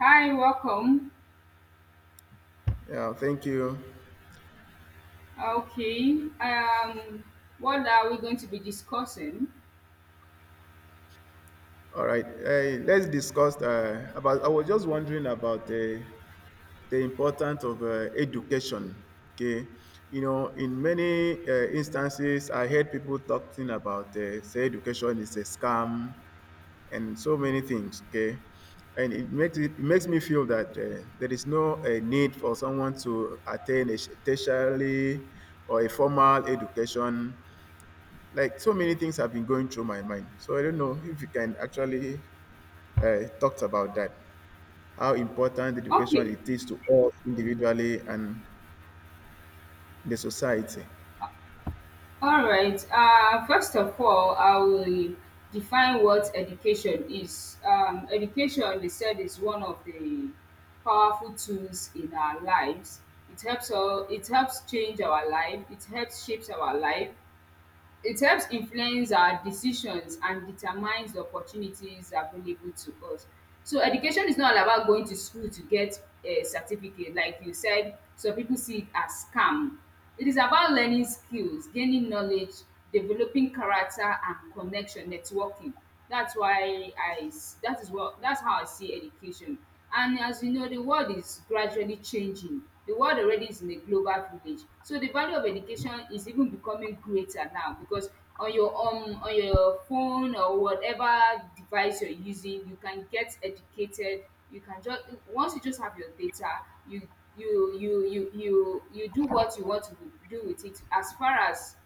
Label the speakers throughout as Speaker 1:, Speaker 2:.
Speaker 1: Hi, welcome.
Speaker 2: Yeah, thank you.
Speaker 1: Okay, um, what are we going to be discussing?
Speaker 2: All right, let's discuss about. I was just wondering about the importance of education. Okay, you know, in many instances, I heard people talking about say education is a scam and so many things. Okay, and it makes me feel that there is no need for someone to attain a tertiary or a formal education. Like so many things have been going through my mind. So I don't know if you can actually talk about that. How important education
Speaker 1: Okay,
Speaker 2: it is to us individually and the society.
Speaker 1: all right. First of all, I will define what education is. Education, they said, is one of the powerful tools in our lives. It helps change our life. It helps shapes our life. It helps influence our decisions and determines the opportunities available to us. So education is not all about going to school to get a certificate. Like you said, some people see it as scam. It is about learning skills, gaining knowledge, developing character and connection, networking. That's why I s- that is what That's how I see education. And as you know, the world is gradually changing. The world already is in a global village. So the value of education is even becoming greater now because on your phone or whatever device you're using, you can get educated. You can just once you just have your data, you do what you want to do with it, as far as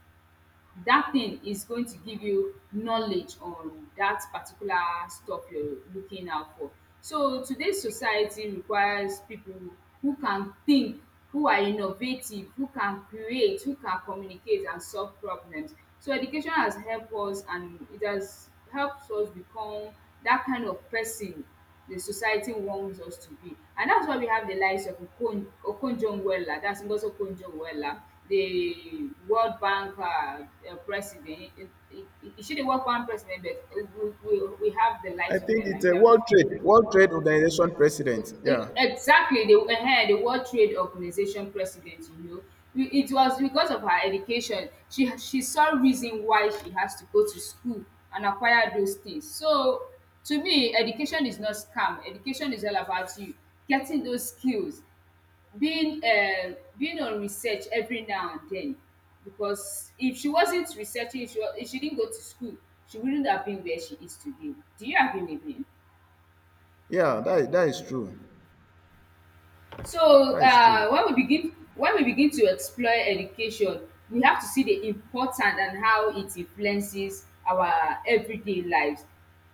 Speaker 1: that thing is going to give you knowledge on that particular stuff you're looking out for. So today's society requires people who can think, who are innovative, who can create, who can communicate and solve problems. So education has helped us, and it has helped us become that kind of person the society wants us to be. And that's why we have the likes of Okonjo-Iweala, that's Ngozi Okonjo-Iweala, the World Bank president. It should the World Bank president, but we have the
Speaker 2: I
Speaker 1: likes of
Speaker 2: think
Speaker 1: them
Speaker 2: it's
Speaker 1: like
Speaker 2: a
Speaker 1: that.
Speaker 2: World Trade Organization president.
Speaker 1: E-
Speaker 2: Yeah,
Speaker 1: exactly, the World Trade Organization president, you know. We- it was because of her education, she saw reason why she has to go to school and acquire those things. So to me, education is not scam. Education is all about you getting those skills, being being on research every now and then, because if she wasn't researching, if if she didn't go to school, she wouldn't have been where she is today. Do you agree with me?
Speaker 2: yeah, that is true.
Speaker 1: So
Speaker 2: That is true.
Speaker 1: when we begin to explore education, we have to see the importance and how it influences our everyday lives.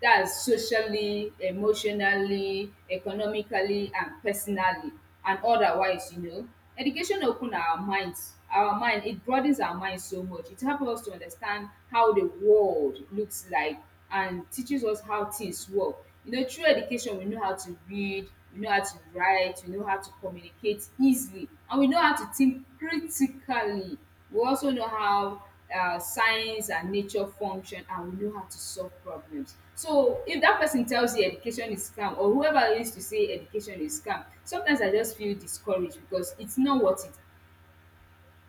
Speaker 1: That's socially, emotionally, economically and personally, and otherwise, you know. Education open our minds, our mind. It broadens our mind so much. It helps us to understand how the world looks like and teaches us how things work. You know, through education, we know how to read, we know how to write, we know how to communicate easily, and we know how to think critically. We also know how science and nature function, and we know how to solve problems. So, if that person tells you education is scam, or whoever used to say education is scam, sometimes I just feel discouraged because it's not worth it.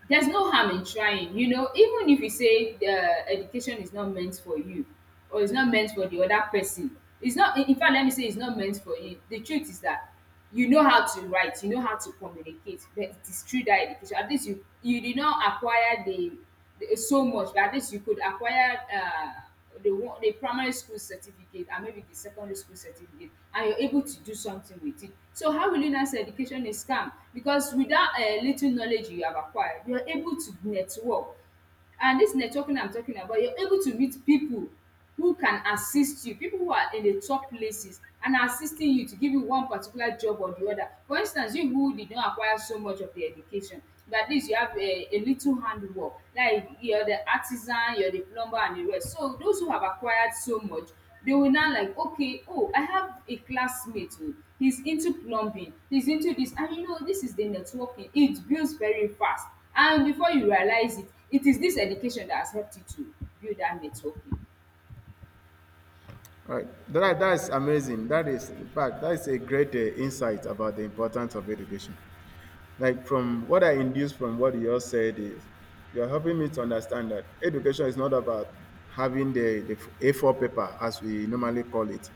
Speaker 1: There's no harm in trying, you know. Even if you say the education is not meant for you or it's not meant for the other person, it's not in fact, let me say it's not meant for you, the truth is that you know how to write, you know how to communicate. But it is through that education, at least you did not acquire the so much, but at least you could acquire the one, the primary school certificate, and maybe the secondary school certificate, and you're able to do something with it. So how will you now say education is scam? Because with that little knowledge you have acquired, you're able to network. And this networking I'm talking about, you're able to meet people who can assist you, people who are in the top places and are assisting you to give you one particular job or the other. For instance, you who did not acquire so much of the education, but at least you have a little handwork, like you're the artisan, you're the plumber, and the rest. So those who have acquired so much, they will now like, okay, oh, I have a classmate who he's into plumbing, he's into this, and you know, this is the networking. It builds very fast, and before you realize it, it is this education that has helped you to build that networking.
Speaker 2: All right, that is amazing. That is, in fact, that is a great insight about the importance of education. Like from what I induced from what you all said is you're helping me to understand that education is not about having the A4 paper as we normally call it.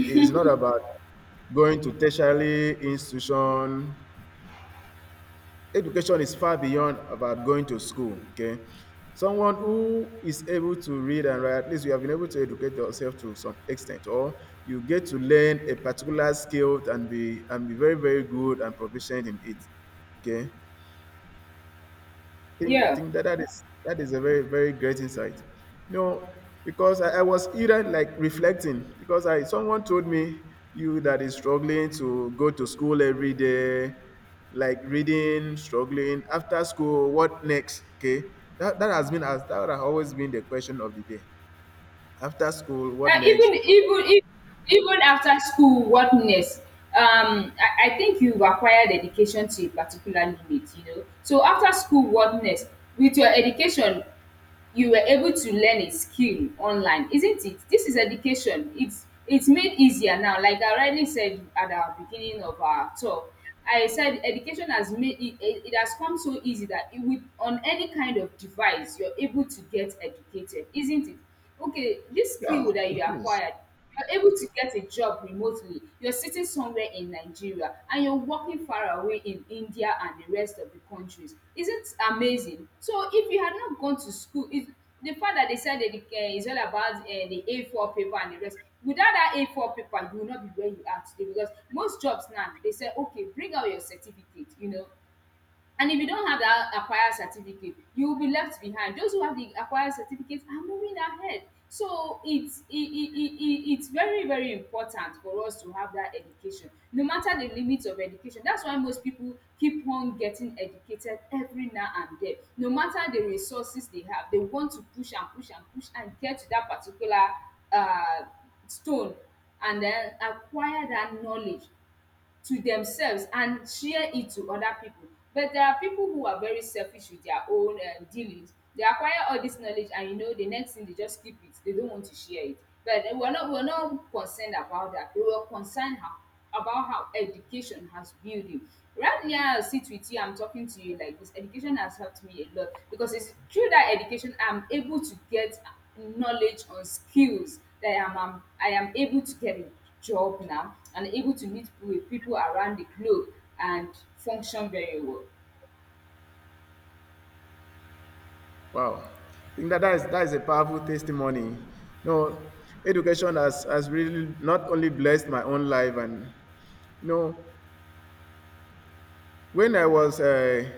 Speaker 2: It's not about going to tertiary institution. Education is far beyond about going to school. Okay. Someone who is able to read and write, at least you have been able to educate yourself to some extent, or you get to learn a particular skill and be very, very good and proficient in it. Okay. think
Speaker 1: Yeah.
Speaker 2: think that that is a very, very great insight, you know, because I was even like reflecting because I someone told me you that is struggling to go to school every day, like reading, struggling, after school what next? Okay, that has always been the question of the day. After school, what next?
Speaker 1: Even even if even after school, what next? I think you've acquired education to a particular limit, you know. So after school, what next? With your education, you were able to learn a skill online, isn't it? This is education. It's made easier now. Like I already said at our beginning of our talk, I said education has made it. It has come so easy that it, with on any kind of device, you're able to get educated, isn't it? Okay, this
Speaker 2: Yeah,
Speaker 1: skill that you
Speaker 2: it is.
Speaker 1: acquired, you're able to get a job remotely. You're sitting somewhere in Nigeria and you're working far away in India and the rest of the countries. Isn't it amazing? So if you had not gone to school, if the fact that they said that the, is all about the A4 paper and the rest, without that A4 paper, you will not be where you are today, because most jobs now, they say, okay, bring out your certificate, you know. And if you don't have that acquired certificate, you will be left behind. Those who have the acquired certificate are moving ahead. So it's it's very, very important for us to have that education, no matter the limit of education. That's why most people keep on getting educated every now and then. No matter the resources they have, they want to push and push and push and get to that particular uh, stone, and then acquire that knowledge to themselves and share it to other people. But there are people who are very selfish with their own dealings. They acquire all this knowledge, and you know the next thing, they just keep it. They don't want to share it. But they we're not concerned about that. We were concerned about how education has built you. Right now, I sit with you. I'm talking to you like this. Education has helped me a lot, because it's through that education I'm able to get knowledge on skills that I am able to get it job now, and able to meet with people around the globe and function very well.
Speaker 2: Wow. I think that is a powerful testimony. No, education has really not only blessed my own life, and, you know, when I was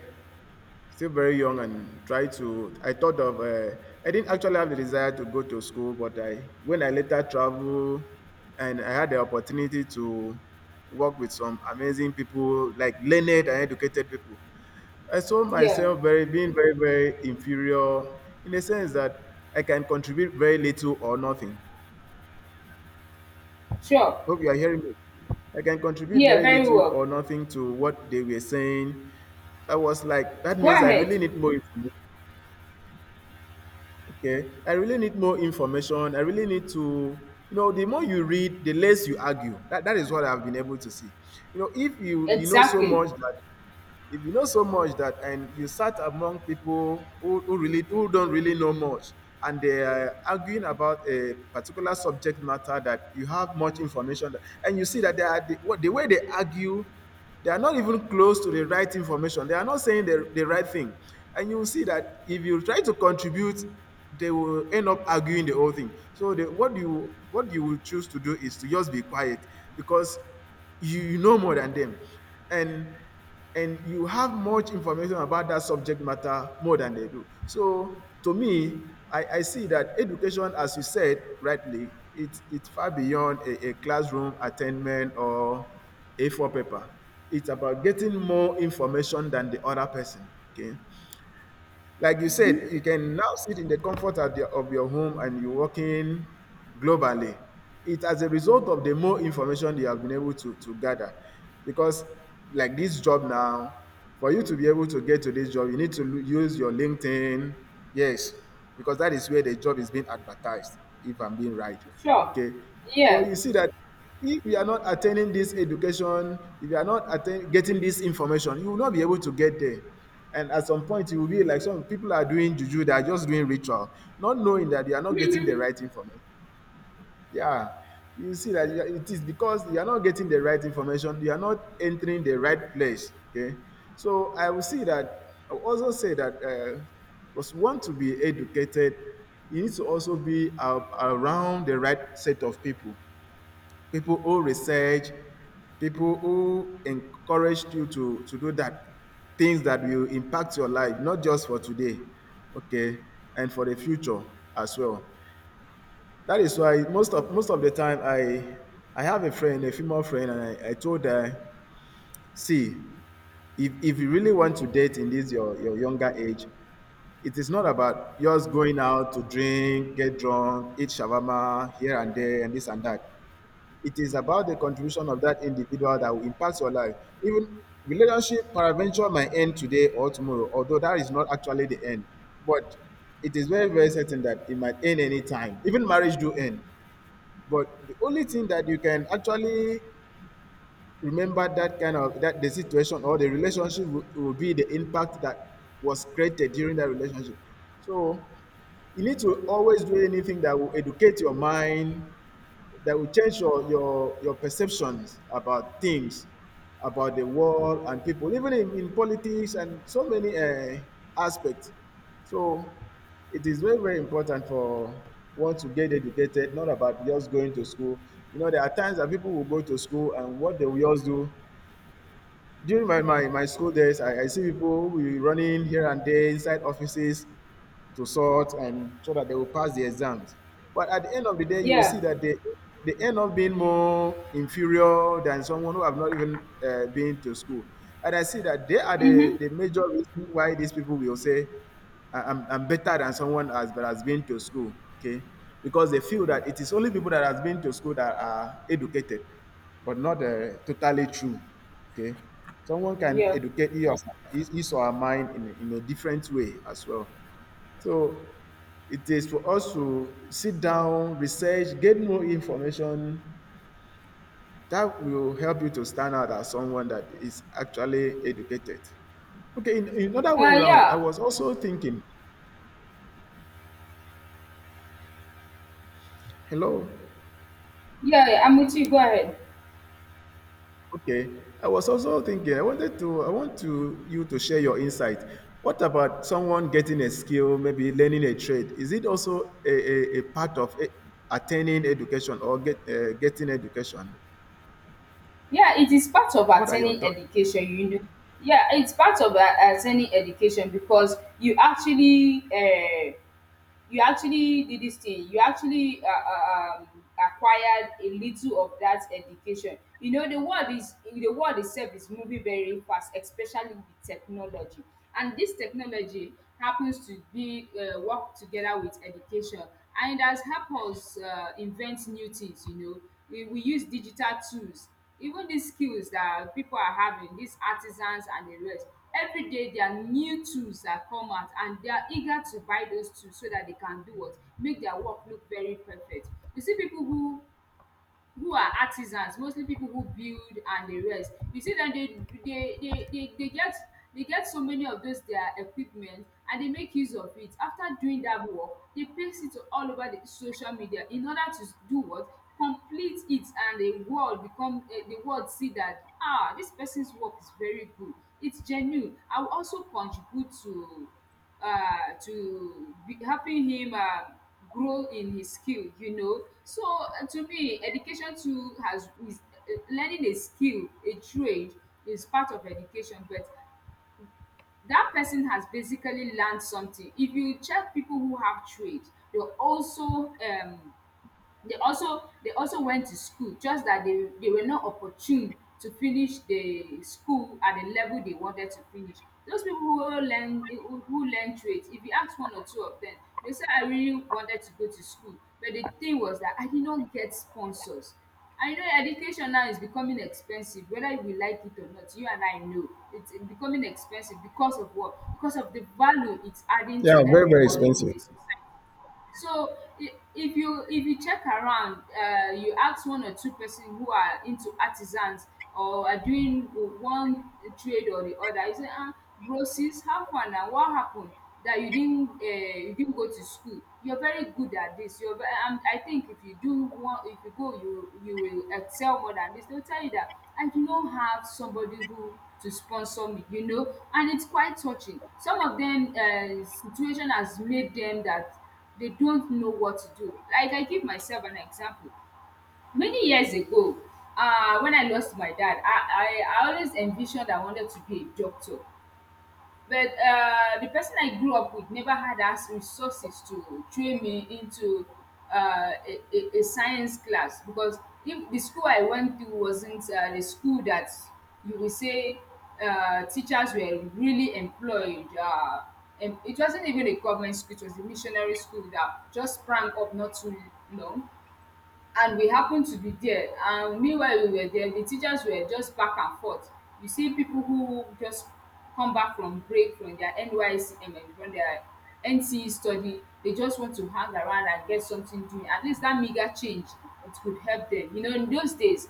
Speaker 2: still very young and tried to, I thought of, I didn't actually have the desire to go to school, but I, when I later traveled and I had the opportunity to work with some amazing people, like learned and educated people, I saw
Speaker 1: Yeah,
Speaker 2: myself very being very, very inferior in the sense that I can contribute very little or nothing.
Speaker 1: sure.
Speaker 2: Hope you are hearing me. I can contribute
Speaker 1: Yeah,
Speaker 2: very
Speaker 1: very
Speaker 2: little
Speaker 1: well.
Speaker 2: or nothing to what they were saying. I was like, that
Speaker 1: Go
Speaker 2: means I really
Speaker 1: ahead.
Speaker 2: need more information. Okay. I really need more information. I really need to, you know, the more you read, the less you argue. That is what I've been able to see. You know, if you you know so
Speaker 1: Exactly.
Speaker 2: much that if you know so much that, and you sat among people who really, who don't really know much, and they are arguing about a particular subject matter that you have much information, that- and you see that the way they argue, they are not even close to the right information. They are not saying the right thing, and you will see that if you try to contribute, they will end up arguing the whole thing. So, the, what you will choose to do is to just be quiet because you know more than them, and and you have much information about that subject matter more than they do. So to me, I see that education, as you said rightly, it's far beyond a classroom attainment or A4 paper. It's about getting more information than the other person. Okay. Like you said, you can now sit in the comfort of, your home and you're working globally. It as a result of the more information you have been able to gather. Because like this job now, for you to be able to get to this job, you need to use your LinkedIn. Yes, because that is where the job is being advertised, if I'm being right.
Speaker 1: Sure.
Speaker 2: Okay. So you
Speaker 1: Yeah,
Speaker 2: see that if you are not attaining this education, if you are not getting this information, you will not be able to get there. And at some point, you will be like some people are doing juju, they are just doing ritual, not knowing that you are not getting the right information. Yeah, you see that it is because you are not getting the right information, you are not entering the right place. Okay, so I will see that I will also say that because we want to be educated, you need to also be around the right set of people, people who research, people who encouraged you to do that, things that will impact your life, not just for today, okay, and for the future as well. That is why most of the time I have a friend, a female friend, and I told her, see, if you really want to date in this your younger age, it is not about just going out to drink, get drunk, eat shawarma here and there, and this and that. It is about the contribution of that individual that will impact your life. Even relationship paraventure might end today or tomorrow, although that is not actually the end. But it is very, very certain that it might end any time. Even marriage do end. But the only thing that you can actually remember that kind of that the situation or the relationship will be the impact that was created during that relationship. So you need to always do anything that will educate your mind, that will change your perceptions about things, about the world and people, even in politics and so many aspects. So it is very, very important for one to get educated, not about just going to school. You know, there are times that people will go to school and what they will just do. During my, my school days, I see people who will be running here and there inside offices to sort and so that they will pass the exams. But at the end of the day, you will see
Speaker 1: yeah.
Speaker 2: that they end up being more inferior than someone who have not even been to school. And I see that they are
Speaker 1: Mm-hmm.
Speaker 2: the major reason why these people will say, " I'm better than someone has, that has been to school, okay? Because they feel that it is only people that has been to school that are educated, but not totally true, okay? Someone can
Speaker 1: Yeah.
Speaker 2: educate his or her mind in, in a different way as well. So it is for us to sit down, research, get more information that will help you to stand out as someone that is actually educated. Okay, in another way around, I
Speaker 1: Yeah.
Speaker 2: was also thinking, hello.
Speaker 1: Yeah, yeah, I'm with you. Go ahead.
Speaker 2: Okay, I was also thinking, I want to you to share your insight. What about someone getting a skill, maybe learning a trade? Is it also a part of attaining education or getting education?
Speaker 1: Yeah, it is part of
Speaker 2: What are your
Speaker 1: attaining
Speaker 2: thoughts?
Speaker 1: education, you know. Yeah, it's part of attaining education because you actually did this thing. You actually acquired a little of that education. You know, the world itself is moving very fast, especially with technology. And this technology happens to be work together with education, and it has helped us invent new things, you know. We use digital tools. Even these skills that people are having, these artisans and the rest, every day their new tools are come out, and they are eager to buy those tools so that they can do what make their work look very perfect. You see people who are artisans, mostly people who build and the rest. You see that they get, they get so many of those their equipment, and they make use of it. After doing that work, they paste it all over the social media in order to do what complete it, and the world become the world see that, ah, this person's work is very good, it's genuine. I will also contribute to be helping him grow in his skill, you know. So to me, education too has is learning a skill, a trade, is part of education. But that person has basically learned something. If you check people who have trade, they also they also went to school, just that they were not opportune to finish the school at the level they wanted to finish. Those people who learn who learn trades, if you ask one or two of them, they say, I really wanted to go to school, but the thing was that I did not get sponsors. I know education now is becoming expensive, whether we like it or not. You and I know it's becoming expensive because of what, because of the value it's adding
Speaker 2: Yeah,
Speaker 1: to
Speaker 2: very, very
Speaker 1: everyone in
Speaker 2: expensive.
Speaker 1: this society. So I- if you check around, you ask one or two-person who are into artisans or are doing one trade or the other, you say, ah, bro, sis, how far now? What happened that you didn't go to school? You're very good at this. You're very, I think if you go, you will excel more than this. They'll tell you that I do not have somebody who to sponsor me, you know, and it's quite touching. Some of them, situation has made them that they don't know what to do. Like I give myself an example. Many years ago, when I lost my dad, I always envisioned I wanted to be a doctor, but the person I grew up with never had as resources to train me into a science class, because if the school I went to wasn't, the school that you will say, teachers were really employed. And it wasn't even a government school; it was a missionary school that just sprang up not too long, and we happened to be there. And meanwhile we were there, the teachers were just back and forth. You see people who just come back from break from their NYSC and from their NCE study. They just want to hang around and get something doing, at least that meagre change, it could help them. You know, in those days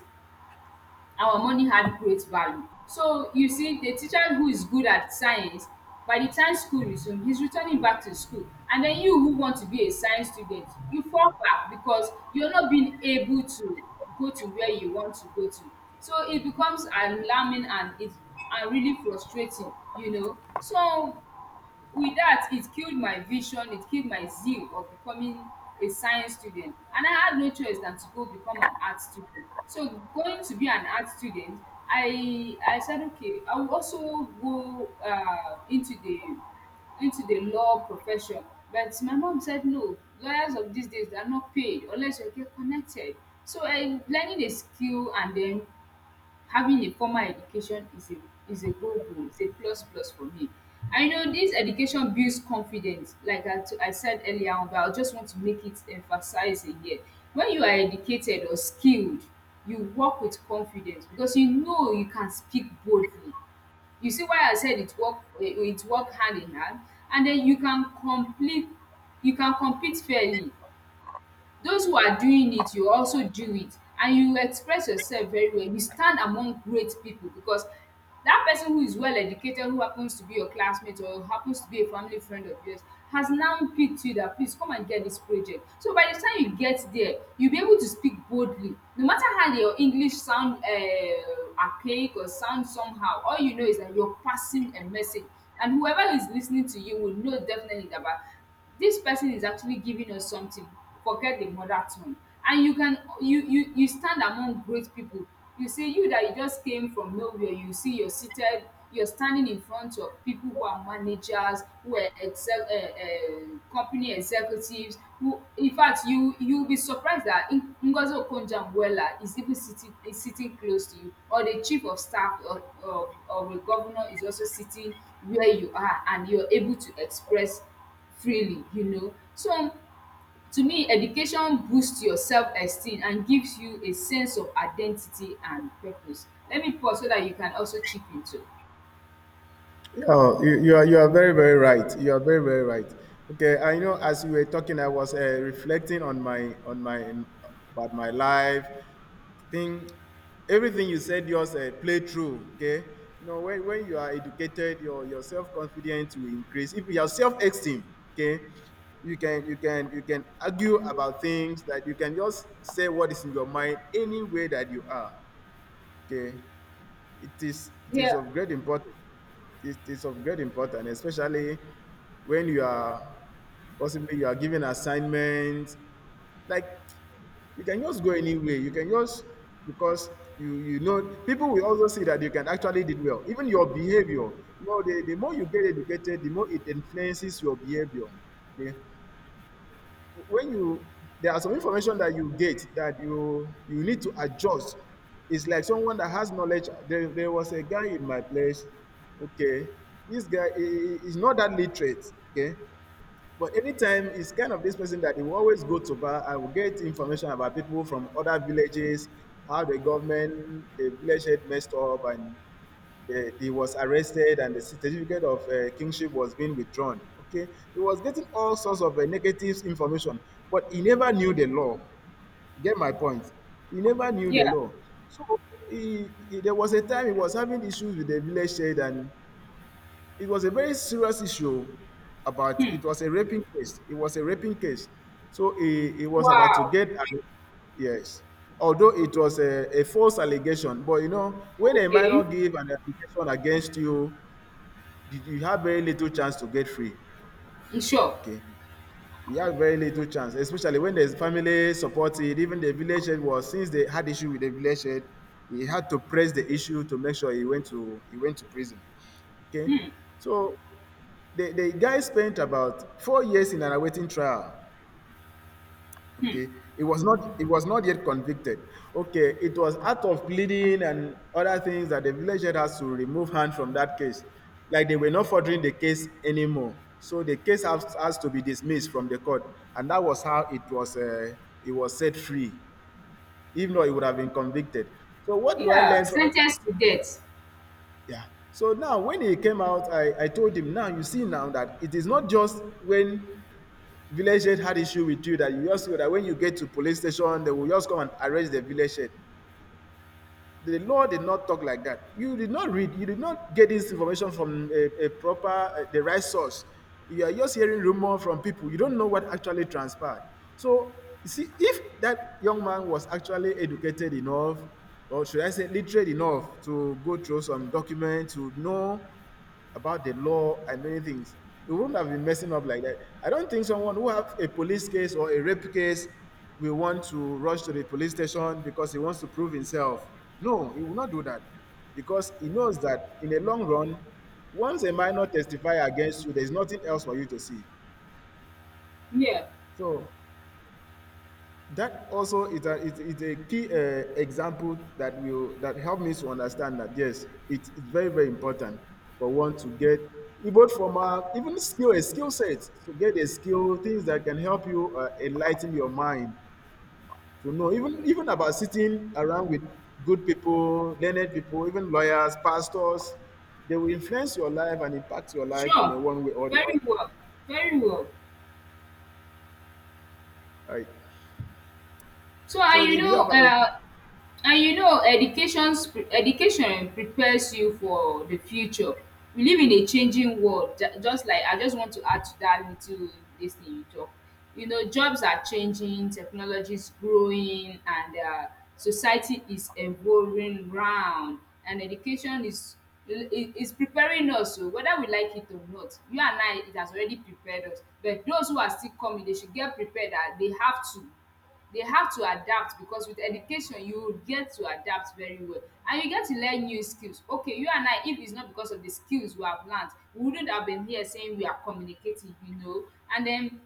Speaker 1: our money had great value. So you see, the teacher who is good at science, by the time school resumes, he's returning back to school. And then you who want to be a science student, you fall back because you're not being able to go to where you want to go to. So it becomes alarming and it and really frustrating, you know. So with that, it killed my vision, it killed my zeal of becoming a science student. And I had no choice than to go become an art student. So going to be an art student, I said, okay, I will also go, into the law profession. But my mom said no, lawyers of these days they are not paid unless you get connected. So I learning a skill and then having a formal education is a good goal, is a plus plus for me. I know this education builds confidence, like I said earlier on, but I just want to make it emphasize again. When you are educated or skilled, you work with confidence because you know you can speak boldly. You see why I said it work, it work hand in hand. And then you can compete fairly. Those who are doing it, you also do it, and you express yourself very well. You stand among great people, because that person who is well educated, who happens to be your classmate or happens to be a family friend of yours, has now picked you, that please come and get this project. So by the time you get there, you'll be able to speak boldly, no matter how your english sound, archaic or sound somehow. All you know is that you're passing a message, and whoever is listening to you will know definitely that this person is actually giving us something. Forget the mother tongue. And you can, you stand among great people. You see, you that you just came from nowhere, you see you're seated, you're standing in front of people who are managers, who are excel company executives, who in fact, you you'll be surprised that Ngozi Okonjo-Iweala is even sitting is sitting close to you, or the chief of staff of a governor is also sitting where you are, and you're able to express freely, you know. So, to me, education boosts your self-esteem and gives you a sense of identity and purpose. Let me pause so that you can also chip into.
Speaker 2: Oh, you, you are very, very right. You are very, very right. Okay, I know as you were talking, I was reflecting on my about my life thing. Everything you said, yours play through. Okay, you know when you are educated, your self confidence will increase. If your self esteem, okay, you can you can argue about things that you can just say what is in your mind any way that you are. Okay, it is
Speaker 1: Yeah,
Speaker 2: of great importance, it's of great importance, especially when you are possibly you are given assignments. Like you can just go anywhere. You can just because you know people will also see that you can actually did well. Even your behavior. You know, the more you get educated, the more it influences your behavior. Okay. When you there are some information that you get that you need to adjust, it's like someone that has knowledge. There was a guy in my place, okay, this guy he's not that literate, okay. But anytime it's kind of this person that he will always go to bar and will get information about people from other villages, how the government, the village head messed up and he was arrested and the certificate of kingship was being withdrawn. Okay, he was getting all sorts of negative information, but he never knew the law. Get my point? He never knew the
Speaker 1: yeah.
Speaker 2: law. So there was a time he was having issues with the village head, and it was a very serious issue. About
Speaker 1: Hmm.
Speaker 2: It was a raping case. So he was about to
Speaker 1: Wow.
Speaker 2: get yes. Although it was a false allegation, but you know, when a minor
Speaker 1: Okay.
Speaker 2: give an allegation against you, you have very little chance to get free.
Speaker 1: Mm, sure.
Speaker 2: Okay, you have very little chance, especially when there's family support. Even the village head was, since they had issue with the village head, he had to press the issue to make sure he went to prison. Okay,
Speaker 1: Hmm.
Speaker 2: so the guy spent about 4 years in an awaiting trial.
Speaker 1: Hmm.
Speaker 2: Okay, it was not yet convicted. Okay, it was out of pleading and other things, that the village head has to remove hand from that case, like they were not furthering the case anymore. So the case has to be dismissed from the court, and that was how it was set free. Even though he would have been convicted. So what do I
Speaker 1: Yeah.
Speaker 2: learn from that?
Speaker 1: Sentenced to death.
Speaker 2: Yeah. So now when he came out, I told him, now you see, now that it is not just when village head had issue with you, that you just feel that when you get to police station they will just come and arrest the village head. The law did not talk like that. You did not read, you did not get this information from a proper the right source. You are just hearing rumor from people. You don't know what actually transpired. So you see, if that young man was actually educated enough, or should I say literate enough, to go through some documents to know about the law and many things. It wouldn't have been messing up like that. I don't think someone who have a police case or a rape case will want to rush to the police station because he wants to prove himself. No, he will not do that, because he knows that in the long run, once a minor testify against you, there's nothing else for you to see.
Speaker 1: Yeah.
Speaker 2: So that also is is a key example that will that help me to understand that yes, it's very very important for one to get, even from a, even skill, a skill set, to get a skill, things that can help you enlighten your mind, to know even about sitting around with good people, learned people, even lawyers, pastors. They will influence your life and impact your life in a
Speaker 1: Sure.
Speaker 2: one way or the
Speaker 1: Very
Speaker 2: other.
Speaker 1: well. Very well.
Speaker 2: Right.
Speaker 1: So I
Speaker 2: So
Speaker 1: you
Speaker 2: do you
Speaker 1: know
Speaker 2: have a,
Speaker 1: and you know, education prepares you for the future. We live in a changing world. Just like I just want to add to that little this thing you talk. You know, jobs are changing, technology is growing, and, society is evolving round. And education is preparing us. So whether we like it or not, you and I, it has already prepared us. But those who are still coming, they should get prepared that they have to adapt, because with education you get to adapt very well, and you get to learn new skills. Okay, you and I, if it's not because of the skills we have learned, we wouldn't have been here saying we are communicative, you know. And then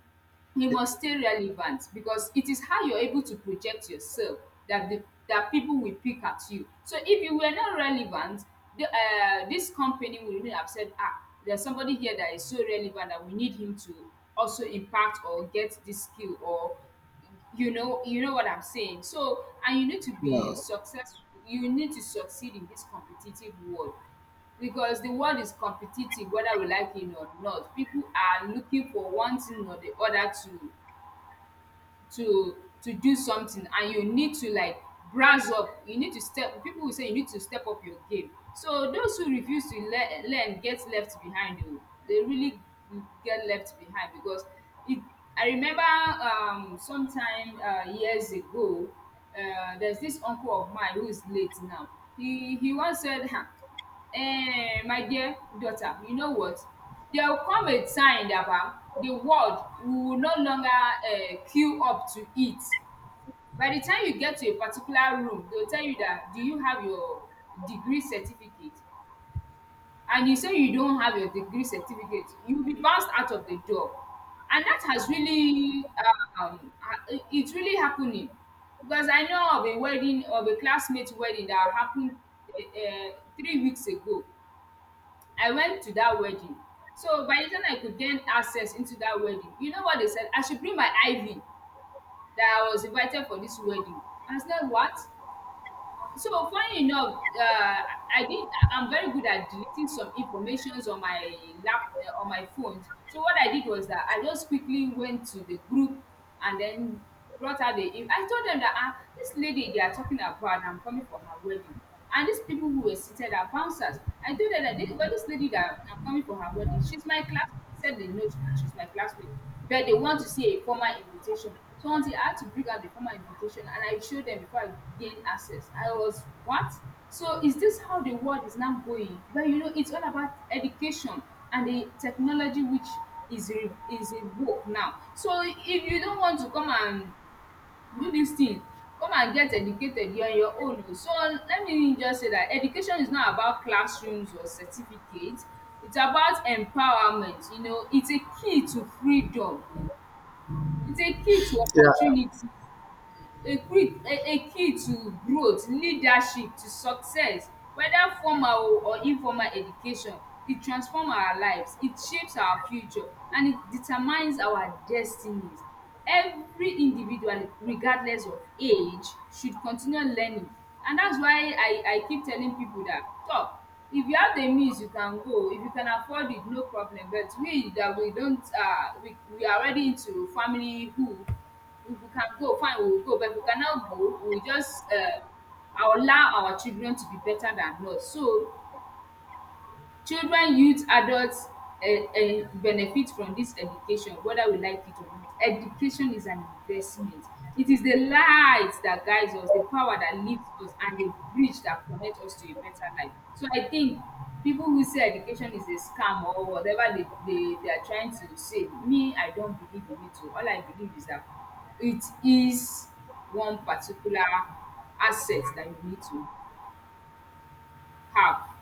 Speaker 1: you must stay relevant, because it is how you're able to project yourself, that the that people will pick at you. So if you were not relevant, this company will really have said, ah, there's somebody here that is so relevant that we need him to also impact or get this skill. Or you know, what I'm saying. So, and you need to
Speaker 2: yeah,
Speaker 1: be successful, you need to succeed in this competitive world, because the world is competitive, whether we like it or not. People are looking for one thing or the other to to to do something, and you need to, like, brass up, you need to step, people will say you need to step up your game. So those who refuse to learn get left behind o, they really get left behind, because it I remember, sometime, years ago, there's this uncle of mine who is late now. He once said, "Ha, my dear daughter, you know what, there will come a time dapa, the world will no longer, queue up to eat. By the time you get to a particular room, they will tell you that, do you have your degree certificate? And you say you don't have your degree certificate, you will be bounced out of the door." And that has really, it's really happening, because I know of a wedding, of a classmate wedding that happened, um 3 weeks ago. I went to that wedding. So by the time I could gain access into that wedding, you know what they said? I should bring my IV, that I was invited for this wedding. I said, what? So funny enough, I did. I am very good at deleting some informations on my lap on my phone. So what I did was that I just quickly went to the group and then brought out the. I told them that, ah, this lady they are talking about, I'm coming for her wedding. And these people who were seated are bouncers. I told her that this, well, this lady that I'm coming for her wedding, she's my classmate. They said they know she's my classmate, but they want to see a formal invitation. So until I had to bring out the formal invitation and I showed them before I gained access. I was, what? So is this how the world is now going? But you know, it's all about education and the technology, which is a work now. So if you don't want to come and do this thing, come and get educated, you, on your own o. So let me just say that education is not about classrooms or certificates. It's about empowerment, you know. It's a key to freedom, it's a key to
Speaker 2: yeah.
Speaker 1: opportunities, a key, a key to growth, leadership, to success, whether formal o or informal education, e transform our lives, it shapes our future, and it determines our destinies. Every individual, regardless of age, should continue learning. And that's why I keep telling people, dat tor, if you have the means you can go, if you can afford it, no problem. But we dat we don't, we are already into familyhood. If we can go, fine, we will go. But if we cannot go, we will just, allow our children to be better than us. So children, youth, adults, benefit from this education, whether we like it or not. Education is an investment. It is the light that guides us, the power that lifts us, and the bridge that connects us to a better life. So I think people who say education is a scam, or whatever they dey they are trying to say, me I don't believe in it oo. All I believe is that it is one particular asset that you need to have.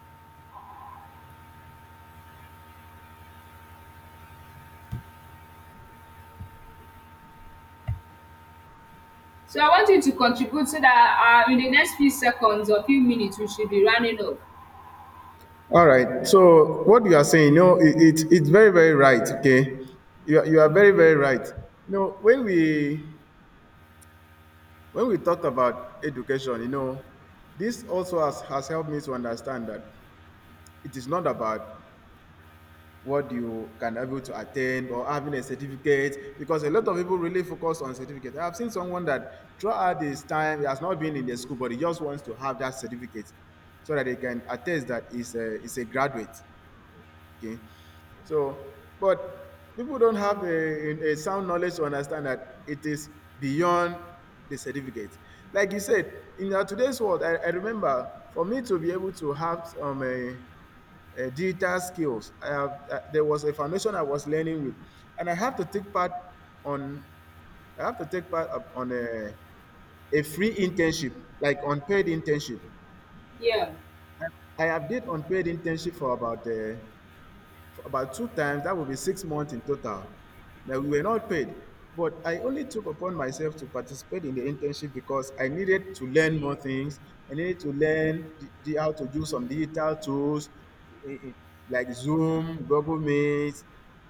Speaker 1: So I want you to contribute, so that, in the next few seconds or few minutes, we should be running up.
Speaker 2: All right. So what you are saying, you know, it's very, very right. Okay, you are very, very right. You know, when we talked about education, you know, this also has helped me to understand that it is not about what you can able to attain or having a certificate, because a lot of people really focus on certificate. I've seen someone that throughout his time he has not been in the school, but he just wants to have that certificate so that they can attest that he's a graduate. Okay. So, but people don't have a sound knowledge to understand that it is beyond the certificate. Like you said, in our today's world, I remember, for me to be able to have a digital skills, I have, there was a foundation I was learning with, and I have to take part on, I have to take part up on a free internship, like unpaid internship.
Speaker 1: Yeah.
Speaker 2: I have did unpaid internship for about two times. That would be 6 months in total. Now we were not paid. But I only took upon myself to participate in the internship because I needed to learn more things. I needed to learn how to use some digital tools, eh, eh, like Zoom, Google Meet,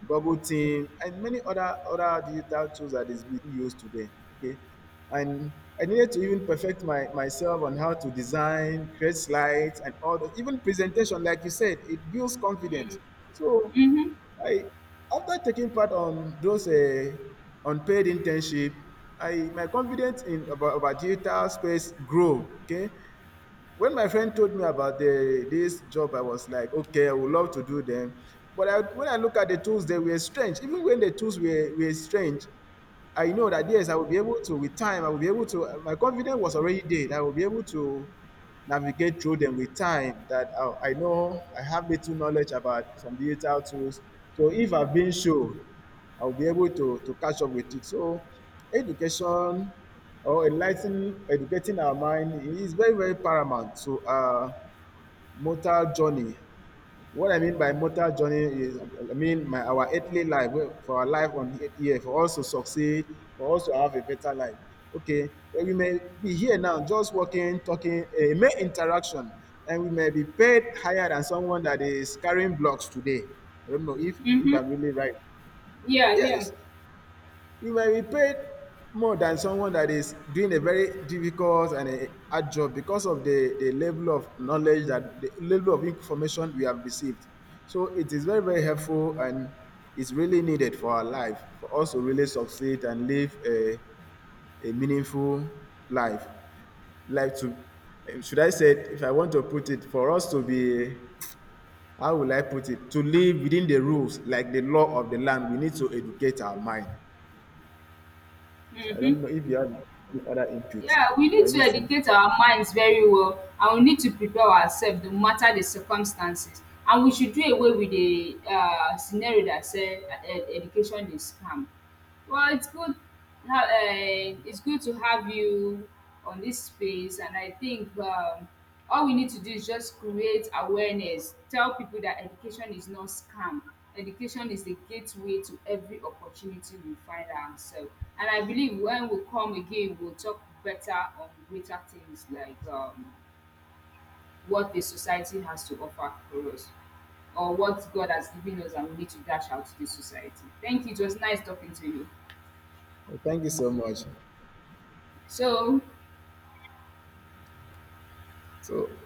Speaker 2: Google Team, and many other digital tools that is being used today. Okay, and I needed to even perfect my myself on how to design, create slides, and all that. Even presentation, like you said, it builds confidence. So,
Speaker 1: Mhm.
Speaker 2: I, after taking part on those unpaid internship, I my confidence in about digital space grow. Okay, when my friend told me about the this job, I was like, okay, I would love to do them. But I, when I look at the tools, they were strange. Even when the tools were strange, I know that yes, I will be able to with time. I will be able to. My confidence was already there, that I will be able to navigate through them with time. That I know I have little knowledge about some digital tools. So if I've been sure, I'll be able to catch up with it. So, education or enlightening, educating our mind is very, very paramount to our mortal journey. What I mean by mortal journey is, I mean, our earthly life, well, for our life on here, for us to succeed, for us to have a better life. Okay, well, we may be here now, just walking, talking, a mere interaction, and we may be paid higher than someone that is carrying blocks today. I don't know if
Speaker 1: Mhm.
Speaker 2: I'm really right.
Speaker 1: Yeah. Yeah.
Speaker 2: Yes. We were repaid more than someone that is doing a very difficult and a hard job, because of the level of knowledge, that the level of information we have received. So it is very, very helpful, and it's really needed for our life, for us to really succeed and live a meaningful life. Like to, should I say, it, if I want to put it, for us to be, how will I put it, to live within the rules, like the law of the land, we need to educate our mind. So I
Speaker 1: Mhm.
Speaker 2: don't know if you have any other input
Speaker 1: Yeah. We need
Speaker 2: or
Speaker 1: to
Speaker 2: anything.
Speaker 1: educate our minds very well, and we need to prepare ourselves no matter the circumstances. And we should do away with the, scenario that say, education is scam. Well, it's good. It's good to have you on this space, and I think. All we need to do is just create awareness, tell people that education is not scam. Education is the gateway to every opportunity we find ourselves. And I believe when we come again, we'll talk better on greater things, like, what the society has to offer for us, or what God has given us, and we need to dash out to the society. Thank you. It was nice talking to you.
Speaker 2: Well, thank you so much.
Speaker 1: So,
Speaker 2: So